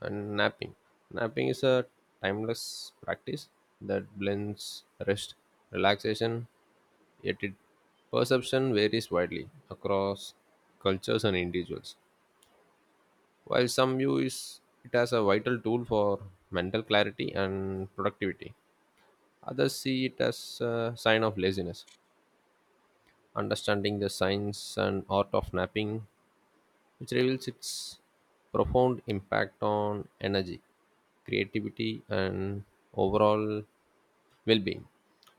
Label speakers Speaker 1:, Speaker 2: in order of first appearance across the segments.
Speaker 1: And napping. Napping is a timeless practice that blends rest, relaxation, yet its perception varies widely across cultures and individuals. While some view is it as a vital tool for mental clarity and productivity, others see it as a sign of laziness. Understanding the science and art of napping, which reveals its profound impact on energy, creativity, and overall well-being,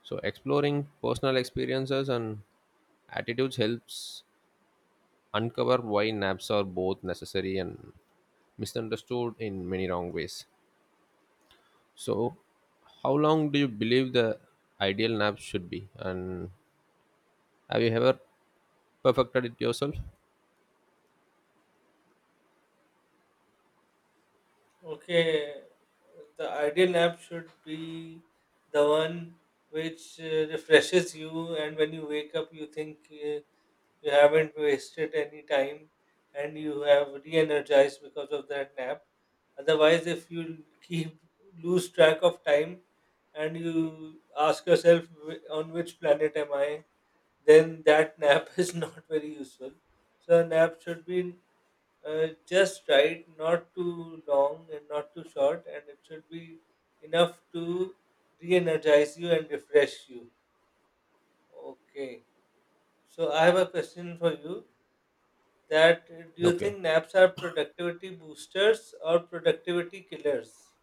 Speaker 1: so exploring personal experiences and attitudes helps uncover why naps are both necessary and misunderstood in many wrong ways. So, how long do you believe the ideal nap should be, and have you ever perfected it yourself?
Speaker 2: Okay, the ideal nap should be the one which refreshes you, and when you wake up, you think you haven't wasted any time and you have re energized because of that nap. Otherwise, if you keep lose track of time and you ask yourself, On which planet am I?" Then that nap is not very useful. So, a nap should be just right, not too long and not too short, and it should be enough to re energize you and refresh you. Okay, so I have a question for you that do you
Speaker 1: Okay,
Speaker 2: think naps are productivity boosters or productivity killers?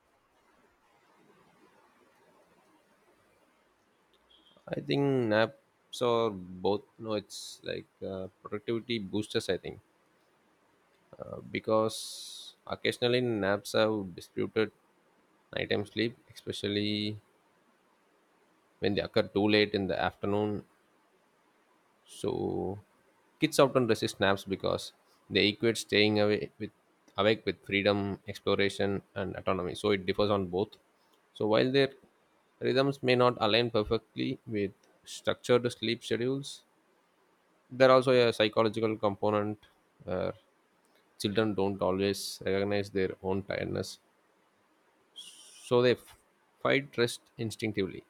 Speaker 1: I think naps are both. No, it's like, productivity boosters, I think, because occasionally naps have disputed nighttime sleep, especially when they occur too late in the afternoon. So kids often resist naps because they equate staying away with awake with freedom, exploration, and autonomy. So it differs on both. So, while their rhythms may not align perfectly with structured sleep schedules, there also a psychological component where children don't always recognize their own tiredness, so fight rest instinctively.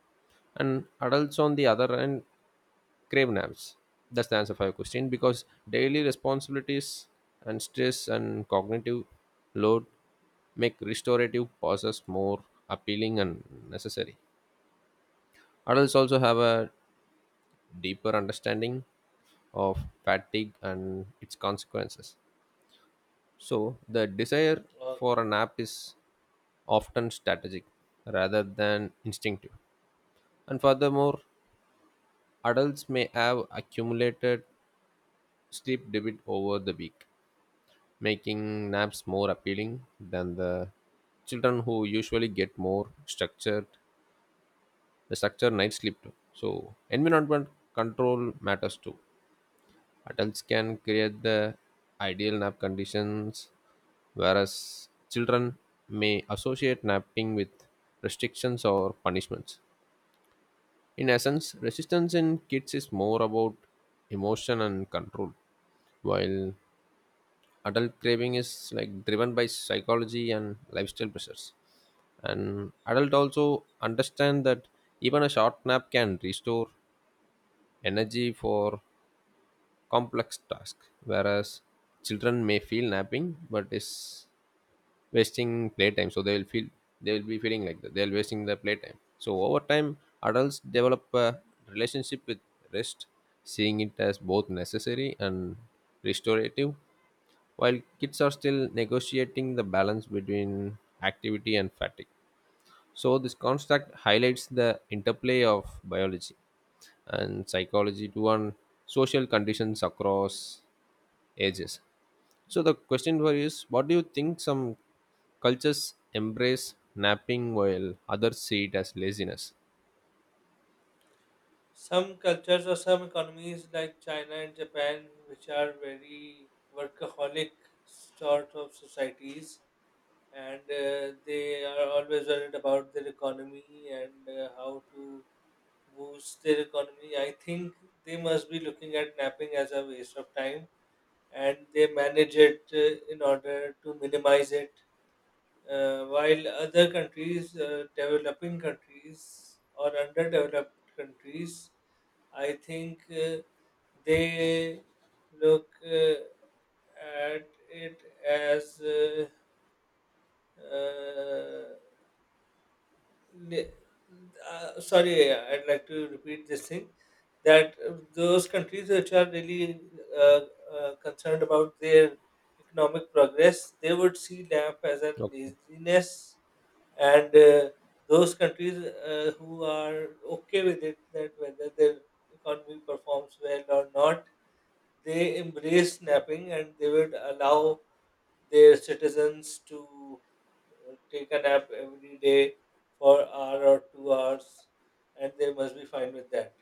Speaker 1: And adults, on the other hand, crave naps. That's the answer for your question, because daily responsibilities and stress and cognitive load make restorative pauses more appealing and necessary. Adults also have a deeper understanding of fatigue and its consequences. So, the desire
Speaker 2: Uh,
Speaker 1: for a nap is often strategic rather than instinctive. And furthermore, adults may have accumulated sleep debt over the week, making naps more appealing than the children who usually get more structured, the structured night sleep too. So, environment control matters too. Adults can create the ideal nap conditions, whereas children may associate napping with restrictions or punishments. In essence, resistance in kids is more about emotion and control, while adult craving is like driven by psychology and lifestyle pressures. And adult also understand that even a short nap can restore energy for complex tasks, whereas children may feel napping but is wasting playtime, so they will feel, they will be feeling like that they'll wasting their playtime. So, over time, adults develop a relationship with rest, seeing it as both necessary and restorative, while kids are still negotiating the balance between activity and fatigue. So, this construct highlights the interplay of biology and psychology to on social conditions across ages. So, the question for you is, what do you think some cultures embrace napping while others see it as laziness?
Speaker 2: some cultures or some economies like China and Japan, which are very workaholic sort of societies, and they are always worried about their economy and how to boost their economy. I think they must be looking at napping as a waste of time and they manage it in order to minimize it. While other countries, developing countries or underdeveloped countries, I think they look at it as uh, uh, Le- sorry, I'd like to repeat this thing that those countries which are really uh, concerned about their economic progress, they would see LAMP as a
Speaker 1: Okay.
Speaker 2: laziness, and those countries who are okay with it, that whether their economy performs well or not, they embrace napping and they would allow their citizens to take a nap every day for hour or 2 hours, and they must be fine with that.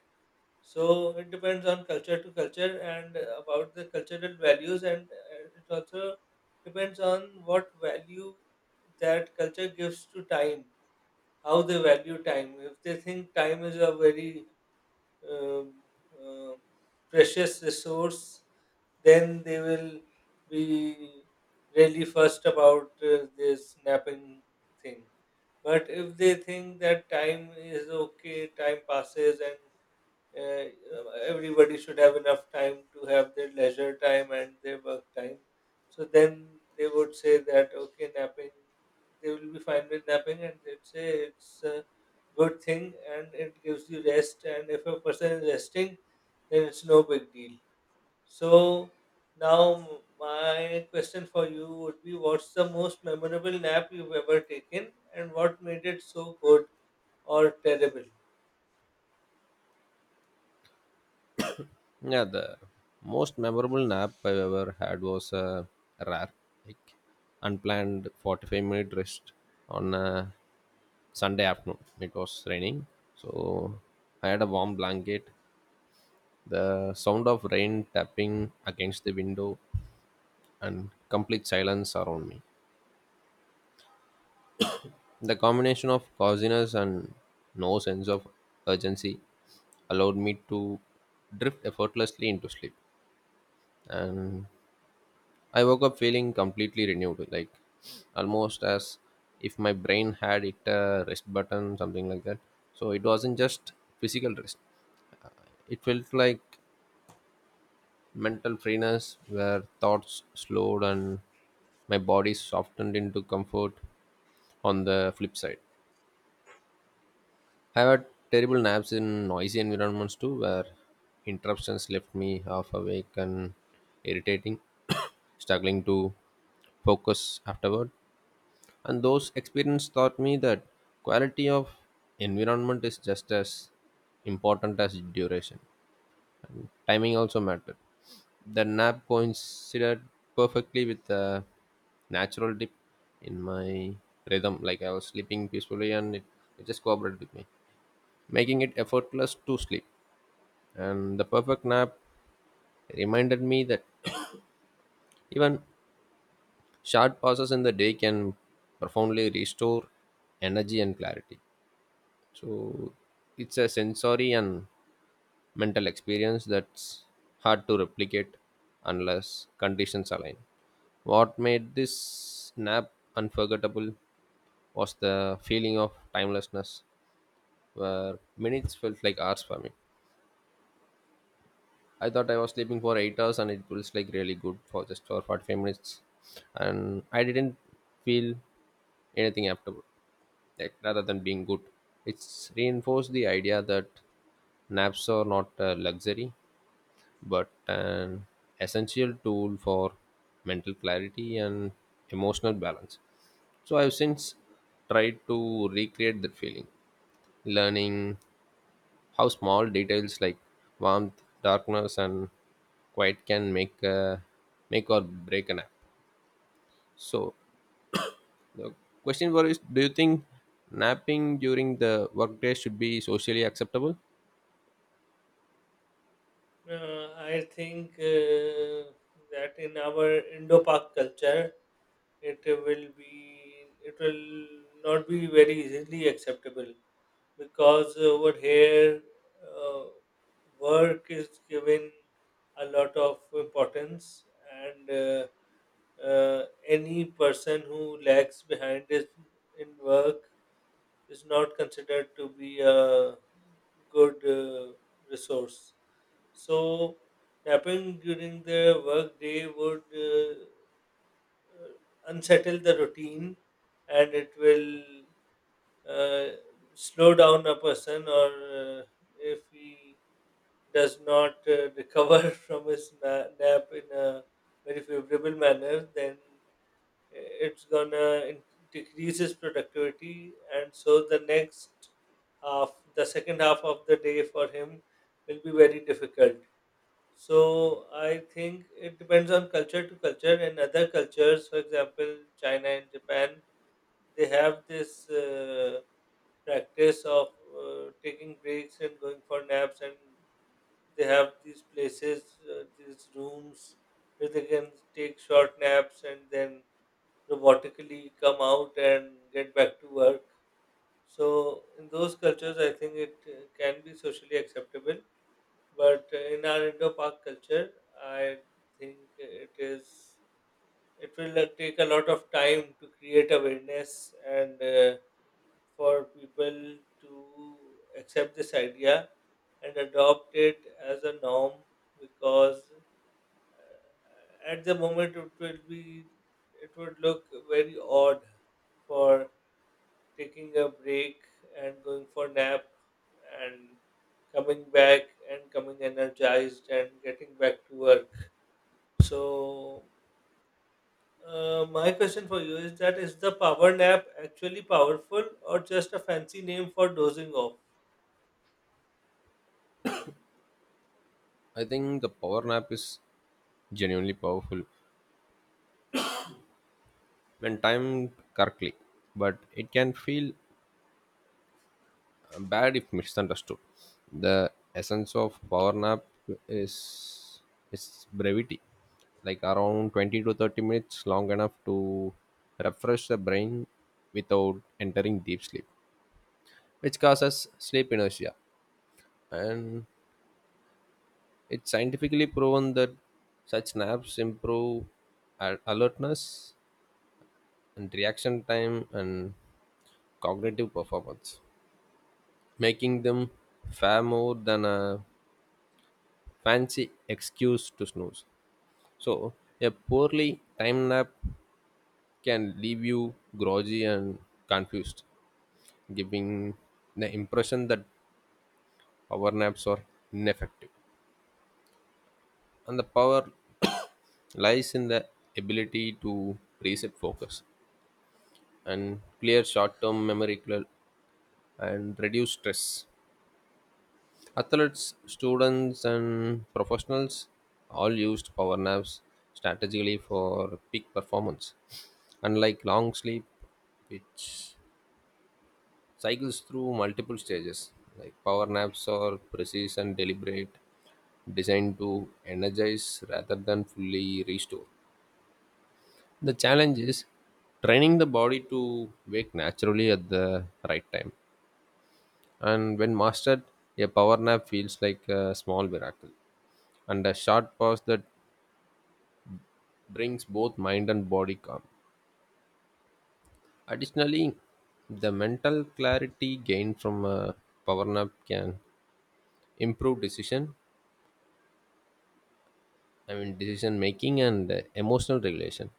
Speaker 2: So it depends on culture to culture and about the cultural values, and it also depends on what value that culture gives to time, how they value time. If they think time is a very um, um precious resource, then they will be really fussed about this napping thing. But if they think that time is okay, time passes, and uh, everybody should have enough time to have their leisure time and their work time, so then they would say that okay, napping. They will be fine with napping, and they'd say it's a good thing, and it gives you rest. And if a person is resting, then it's no big deal. So now my question for you would be, what's the most memorable nap you've ever taken and what made it so good or terrible?
Speaker 1: Yeah, the most memorable nap I've ever had was a rare, like unplanned 45-minute rest on a Sunday afternoon. It was raining, so I had a warm blanket. The sound of rain tapping against the window and complete silence around me. The combination of coziness and no sense of urgency allowed me to drift effortlessly into sleep. And I woke up feeling completely renewed, like almost as if my brain had it a rest button, something like that. So it wasn't just physical rest. It felt like mental freeness where thoughts slowed and my body softened into comfort on the flip side. I had terrible naps in noisy environments too, where interruptions left me half awake and irritating, struggling to focus afterward. And those experiences taught me that quality of environment is just as important as duration. Timing also mattered. The nap coincided perfectly with the natural dip in my rhythm, like I was sleeping peacefully and it just cooperated with me, making it effortless to sleep. And the perfect nap reminded me that even short pauses in the day can profoundly restore energy and clarity. So it's a sensory and mental experience that's hard to replicate unless conditions align. What made this nap unforgettable was the feeling of timelessness, where minutes felt like hours for me. I thought I was sleeping for 8 hours, and it feels like really good for just for 45 minutes, and I didn't feel anything after. Like rather than being good, it's reinforced the idea that naps are not a luxury but an essential tool for mental clarity and emotional balance. So I've since tried to recreate that feeling, learning how small details like warmth, darkness, and quiet can make a, make or break a nap. So, the question for is: do you think napping during the workday should be socially acceptable?
Speaker 2: I think that in our Indo-Pak culture, it will not be very easily acceptable because over here uh, work is given a lot of importance and uh, any person who lags behind is in work is not considered to be a good resource. So, napping during the work day would uh, unsettle the routine and it will uh, slow down a person. Or if he does not recover from his nap in a very favorable manner, then it's gonna decrease productivity, and so the next half the second half of the day for him will be very difficult. So I think it depends on culture to culture, and other cultures, for example, China and Japan, they have this practice of taking breaks and going for naps, and they have these places, these rooms where they can take short naps and then robotically come out and get back to work. So in those cultures, I think it can be socially acceptable. But in our Indo-Pak culture, I think it will take a lot of time to create awareness and for people to accept this idea and adopt it as a norm, because at the moment it will be it would look very odd for taking a break and going for nap and coming back and coming energized and getting back to work. So, my question for you is, that is the power nap actually powerful or just a fancy name for dozing off?
Speaker 1: I think the power nap is genuinely powerful when timed correctly, but it can feel bad if misunderstood. The essence of power nap is its brevity, like around 20 to 30 minutes, long enough to refresh the brain without entering deep sleep, which causes sleep inertia. And it's scientifically proven that such naps improve alertness and reaction time and cognitive performance, making them far more than a fancy excuse to snooze. So, a poorly timed nap can leave you groggy and confused, giving the impression that power naps are ineffective. And the power lies in the ability to reset focus and clear short term memory and reduce stress. Athletes, students, and professionals all used power naps strategically for peak performance, unlike long sleep, which cycles through multiple stages. Like power naps are precise and deliberate, designed to energize rather than fully restore. The challenge is training the body to wake naturally at the right time. And when mastered, a power nap feels like a small miracle and a short pause that brings both mind and body calm. Additionally, the mental clarity gained from a power nap can improve decision, I mean decision making and emotional regulation,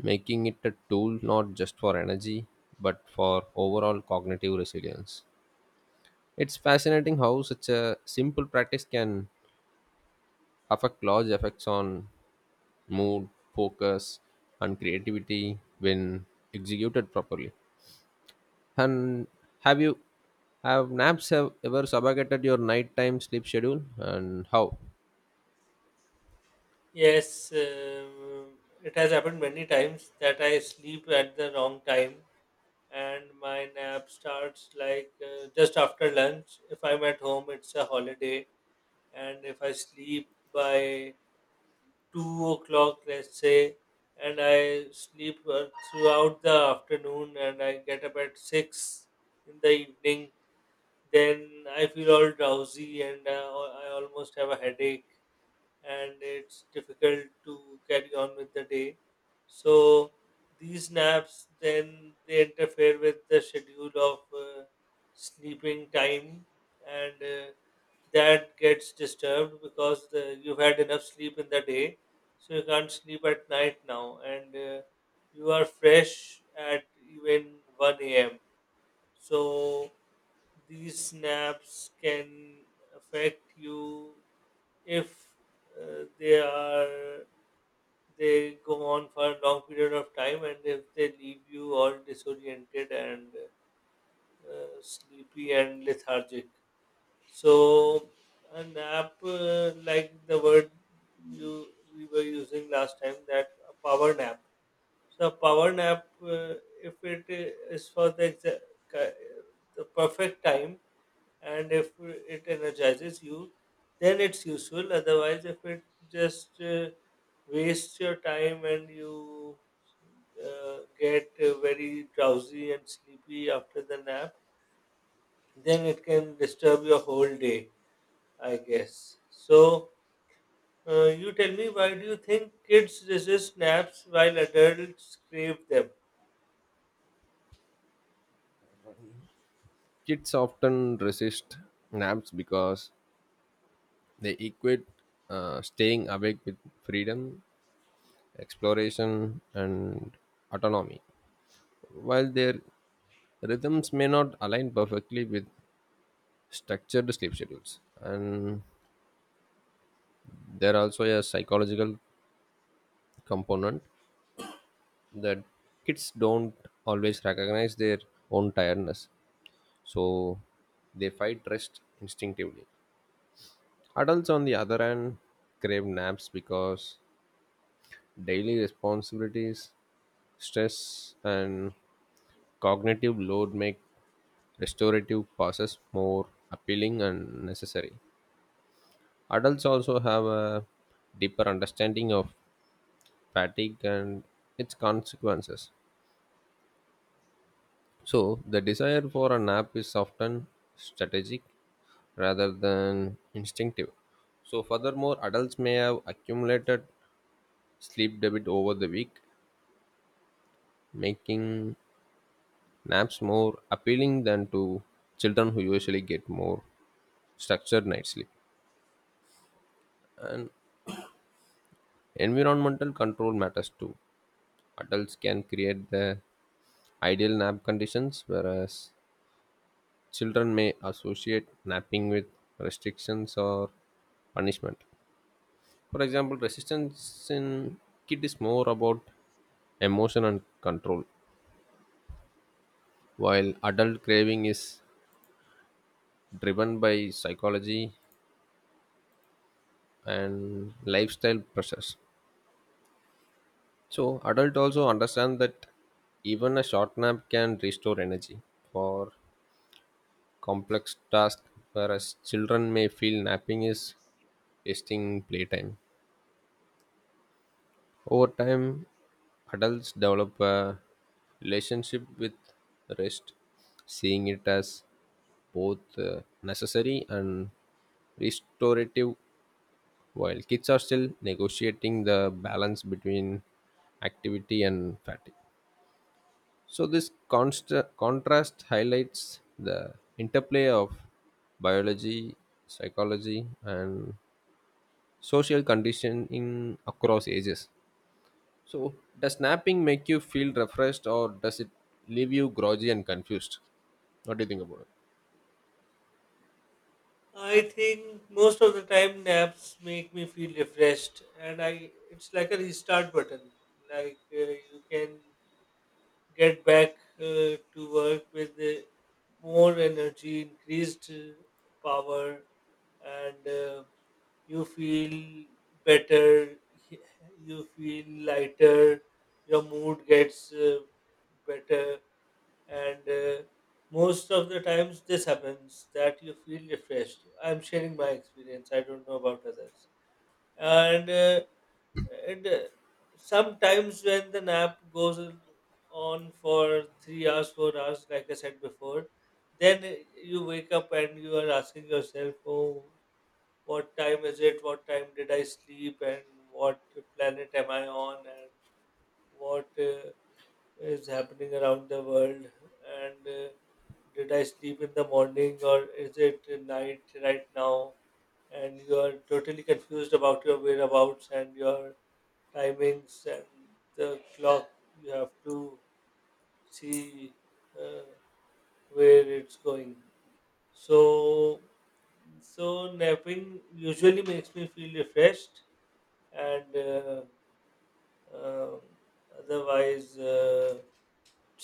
Speaker 1: making it a tool not just for energy but for overall cognitive resilience. It's fascinating how such a simple practice can affect large effects on mood, focus, and creativity when executed properly. And have you have naps have ever subjugated your nighttime sleep schedule, and how?
Speaker 2: Yes, it has happened many times that I sleep at the wrong time and my nap starts like just after lunch. If I'm at home, it's a holiday, and if I sleep by 2 o'clock, let's say, and I sleep throughout the afternoon and I get up at 6 in the evening, then I feel all drowsy and I almost have a headache and it's difficult to carry on with the day. So these naps then they interfere with the schedule of sleeping time, and that gets disturbed because you've had enough sleep in the day, so you can't sleep at night now, and you are fresh at even 1 a.m. So these naps can affect you if uh, they are they go on for a long period of time, and if they leave you all disoriented and sleepy and lethargic. So an app like the word you we were using last time, that a power nap. So a power nap, if it is for the ki- the perfect time and if it energizes you, then it's useful. Otherwise, if it just wastes your time and you get very drowsy and sleepy after the nap, then it can disturb your whole day. I guess. So, you tell me, why do you think kids resist naps while adults crave them?
Speaker 1: Kids often resist naps because they equate staying awake with freedom, exploration, and autonomy. While their rhythms may not align perfectly with structured sleep schedules, and there also a psychological component, the kids don't always recognize their own tiredness, so they fight rest instinctively. Adults, on the other hand, crave naps because daily responsibilities, stress, and cognitive load make restorative pauses more appealing and necessary. Adults also have a deeper understanding of fatigue and its consequences. So, the desire for a nap is often strategic rather than instinctive. So, furthermore, adults may have accumulated sleep debt over the week, making naps more appealing than to children who usually get more structured night sleep. And environmental control matters too. Adults can create the ideal nap conditions, whereas children may associate napping with restrictions or punishment. For example, resistance in kid is more about emotion and control, while adult craving is driven by psychology and lifestyle pressures. So, adult also understand that even a short nap can restore energy for complex tasks, whereas children may feel napping is wasting playtime. Over time, adults develop a relationship with rest, seeing it as both necessary and restorative, while kids are still negotiating the balance between activity and fatigue. So, this contrast highlights the interplay of biology, psychology, and social conditioning across ages. So, does napping make you feel refreshed, or does it leave you groggy and confused? What do you think about it?
Speaker 2: I think most of the time naps make me feel refreshed, and I it's like a restart button. Like you can get back to work with more energy, increased power, and you feel better, you feel lighter, your mood gets better, and most of the times this happens that you feel refreshed. I'm sharing my experience, I don't know about others. And, uh, and sometimes when the nap goes on for 3 hours, 4 hours, like I said before, then you wake up and you are asking yourself, oh, what time is it, what time did I sleep, and what planet am I on, and what is happening around the world, and did I sleep in the morning or is it night right now? And you are totally confused about your whereabouts and your timings and the clock. You have to see uh, where it's going. So, so napping usually makes me feel refreshed and um, otherwise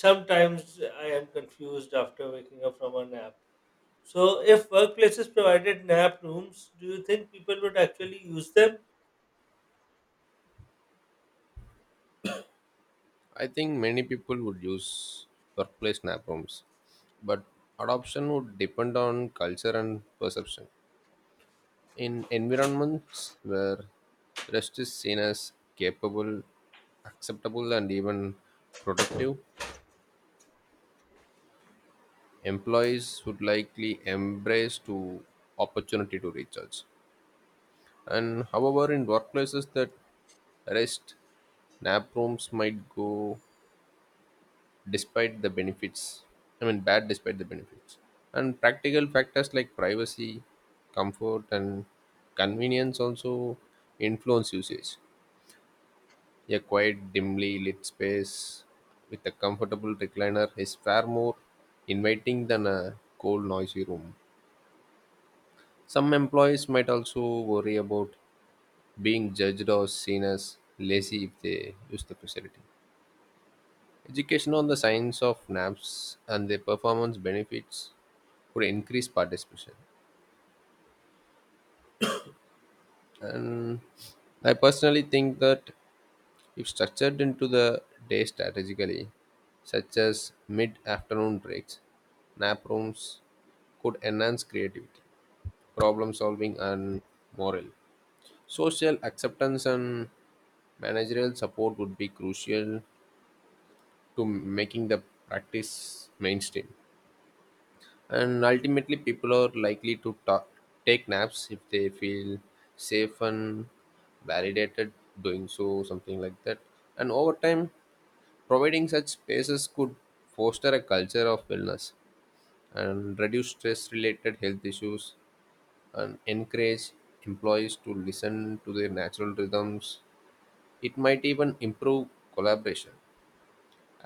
Speaker 2: sometimes I am confused after waking up from a nap. So if workplaces provided nap rooms, do you think people would actually use them?
Speaker 1: I think many people would use workplace nap rooms, but adoption would depend on culture and perception. In environments where rest is seen as capable, acceptable, and even productive, employees would likely embrace to opportunity to recharge. And however, in workplaces that rest, nap rooms might go despite the benefits. I mean, bad despite the benefits. And practical factors like privacy, comfort, and convenience also influence usage. A quiet, dimly lit space with a comfortable recliner is far more inviting than a cold, noisy room. Some employees might also worry about being judged or seen as lazy if they use the facility. Education on the science of NAPS and their performance benefits could increase participation. And I personally think that if structured into the day strategically, such as mid afternoon breaks, nap rooms could enhance creativity, problem solving, and morale. Social acceptance and managerial support would be crucial to making the practice mainstream. And ultimately, people are likely to take naps if they feel safe and validated doing so, something like that. And over time, providing such spaces could foster a culture of wellness and reduce stress related health issues and encourage employees to listen to their natural rhythms. It might even improve collaboration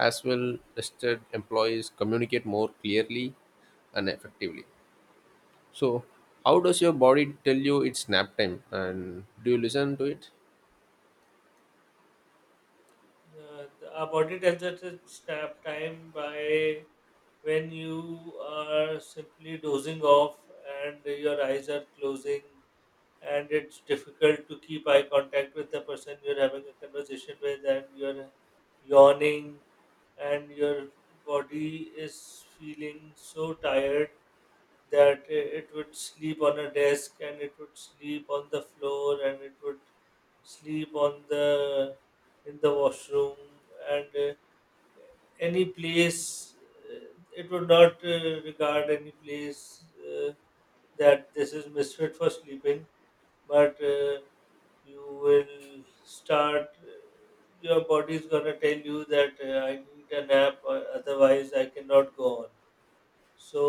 Speaker 1: as well listed employees communicate more clearly and effectively. So, how does your body tell you it's nap time, and do you listen to it?
Speaker 2: uh, our body tells us it's nap time by when you are simply dozing off and your eyes are closing and it's difficult to keep eye contact with the person you're having a conversation with, and you're yawning and your body is feeling so tired that it would sleep on a desk and it would sleep on the floor and it would sleep on the in the washroom and any place. uh, it would not regard any place that this is misfit for sleeping, but you will start your body is going to tell you that I need a nap, otherwise I cannot go on. So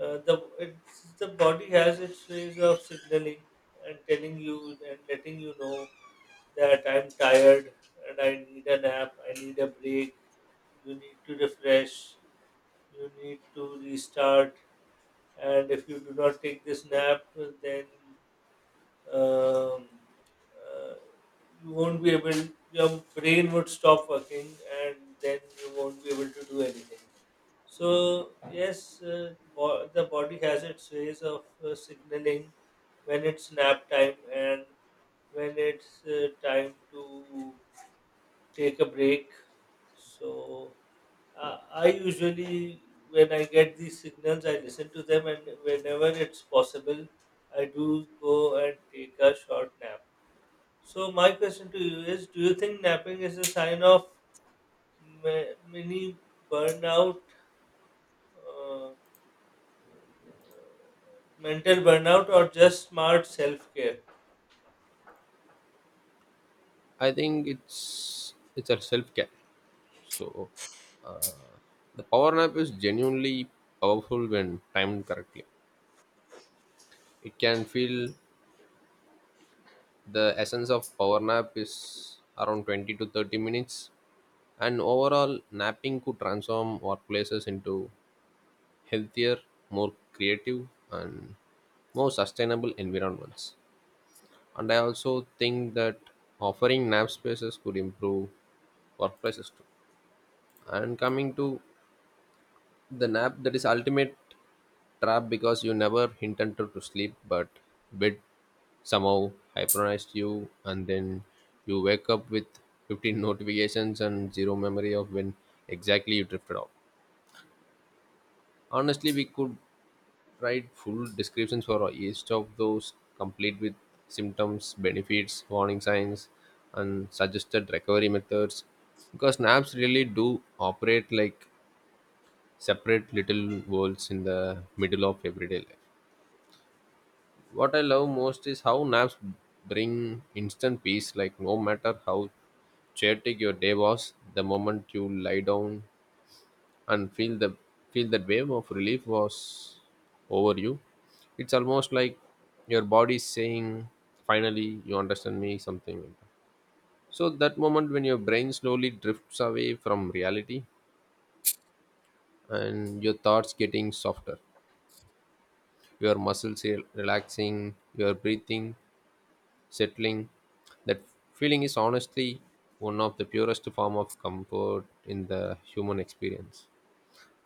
Speaker 2: the body has its ways of signaling and telling you and letting you know that I'm tired and I need a nap, I need a break, you need to refresh, you need to restart. And if you do not take this nap, then um, uh, you won't be able, your brain would stop working, and then you won't be able to do anything. So yes, the body has its ways of signaling when it's nap time and when it's time to take a break. So I usually, when I get these signals, I listen to them, and whenever it's possible I do go and take a short nap. So my question to you is: do you think napping is a sign of mini burnout, uh, mental burnout, or just smart self care?
Speaker 1: I think it's a self-care. So the power nap is genuinely powerful when timed correctly. It can feel the essence of power nap is around 20 to 30 minutes, and overall napping could transform workplaces into healthier, more creative, and more sustainable environments. And I also think that offering nap spaces could improve workplaces too. And coming to the nap, that is ultimate trap because you never intended to sleep, but bed somehow hypnotized you, and then you wake up with 15 notifications and zero memory of when exactly you drifted off. Honestly, we could write full descriptions for each of those, complete with symptoms, benefits, warning signs, and suggested recovery methods. Because naps really do operate like separate little worlds in the middle of everyday life. What I love most is how naps bring instant peace, like no matter how chaotic your day was, the moment you lie down and feel that wave of relief was over you, it's almost like your body is saying finally you understand me, something like that. So that moment when your brain slowly drifts away from reality and your thoughts getting softer, your muscles relaxing, your breathing settling, that feeling is honestly one of the purest form of comfort in the human experience.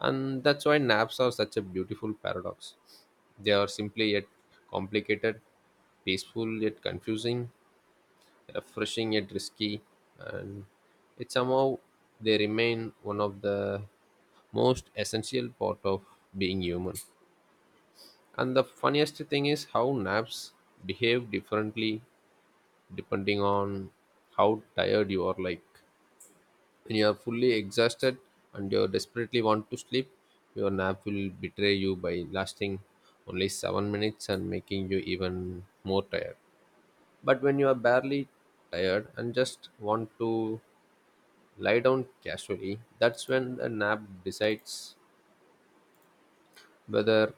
Speaker 1: And that's why naps are such a beautiful paradox. They are simply yet complicated, peaceful yet confusing, refreshing yet risky, and it somehow they remain one of the most essential part of being human. And the funniest thing is how naps behave differently depending on how tired you are, like when you are fully exhausted and you desperately want to sleep, your nap will betray you by lasting only 7 minutes and making you even more tired. But when you are barely tired and just want to lie down casually, that's when the nap decides whether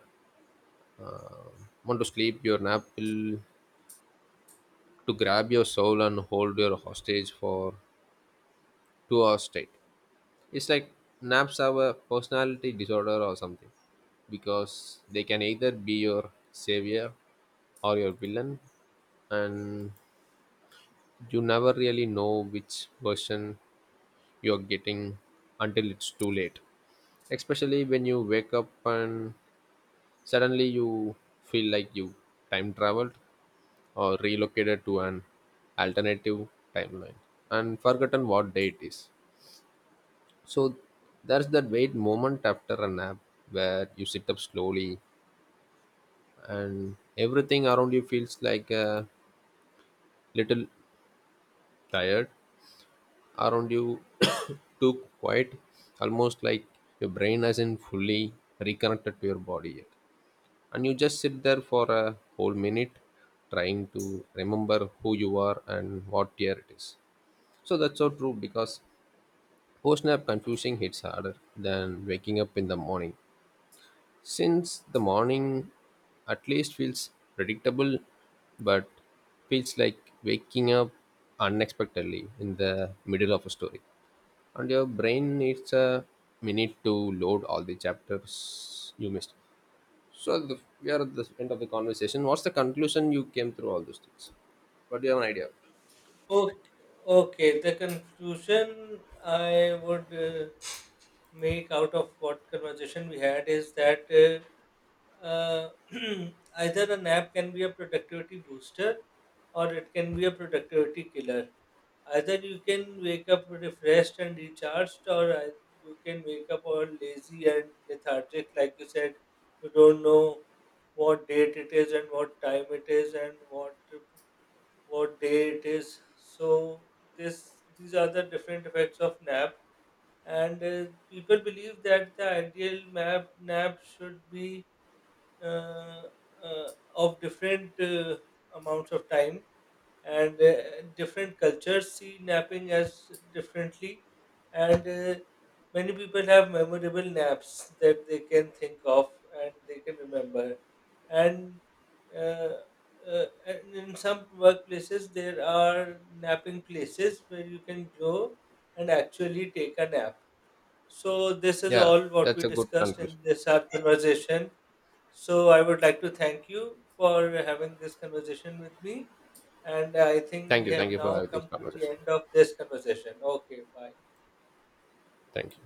Speaker 1: want to sleep, your nap will to grab your soul and hold your hostage for 2 hours straight. It's like naps have a personality disorder or something, because they can either be your savior or your villain, and you never really know which version you're getting until it's too late. Especially when you wake up and suddenly you feel like you time traveled or relocated to an alternative timeline and forgotten what day it is. So there's that wait moment after a nap where you sit up slowly and everything around you feels like a little tired, around you too quiet, almost like your brain hasn't fully reconnected to your body yet. And you just sit there for a whole minute trying to remember who you are and what year it is. So that's so true, because post nap confusing hits harder than waking up in the morning. Since the morning at least feels predictable, but feels like waking up unexpectedly in the middle of a story. And your brain needs a minute to load all the chapters you missed. So the, we are at the end of the conversation. What's the conclusion you came through all those things? But do you have an idea?
Speaker 2: Okay, okay. The conclusion I would make out of what conversation we had is that uh, uh, either a nap can be a productivity booster or it can be a productivity killer. Either you can wake up refreshed and recharged, or you can wake up all lazy and lethargic. Like you said, you don't know what date it is and what time it is and what day it is. So this these are the different effects of nap. And people believe that the ideal nap should be uh, uh, of different amounts of time, and different cultures see napping as differently, and many people have memorable naps that they can think of and they can remember. And uh, in some workplaces there are napping places where you can go and actually take a nap. So this is
Speaker 1: Yeah,
Speaker 2: all what
Speaker 1: that's
Speaker 2: we
Speaker 1: a good
Speaker 2: discussed
Speaker 1: conclusion.
Speaker 2: in this our conversation. So I would like to thank you for having this conversation with me, and I think
Speaker 1: Thank
Speaker 2: we
Speaker 1: you. Thank
Speaker 2: have
Speaker 1: you for
Speaker 2: now
Speaker 1: having this
Speaker 2: come to the
Speaker 1: conversation.
Speaker 2: end of this conversation. Okay, bye.
Speaker 1: Thank you.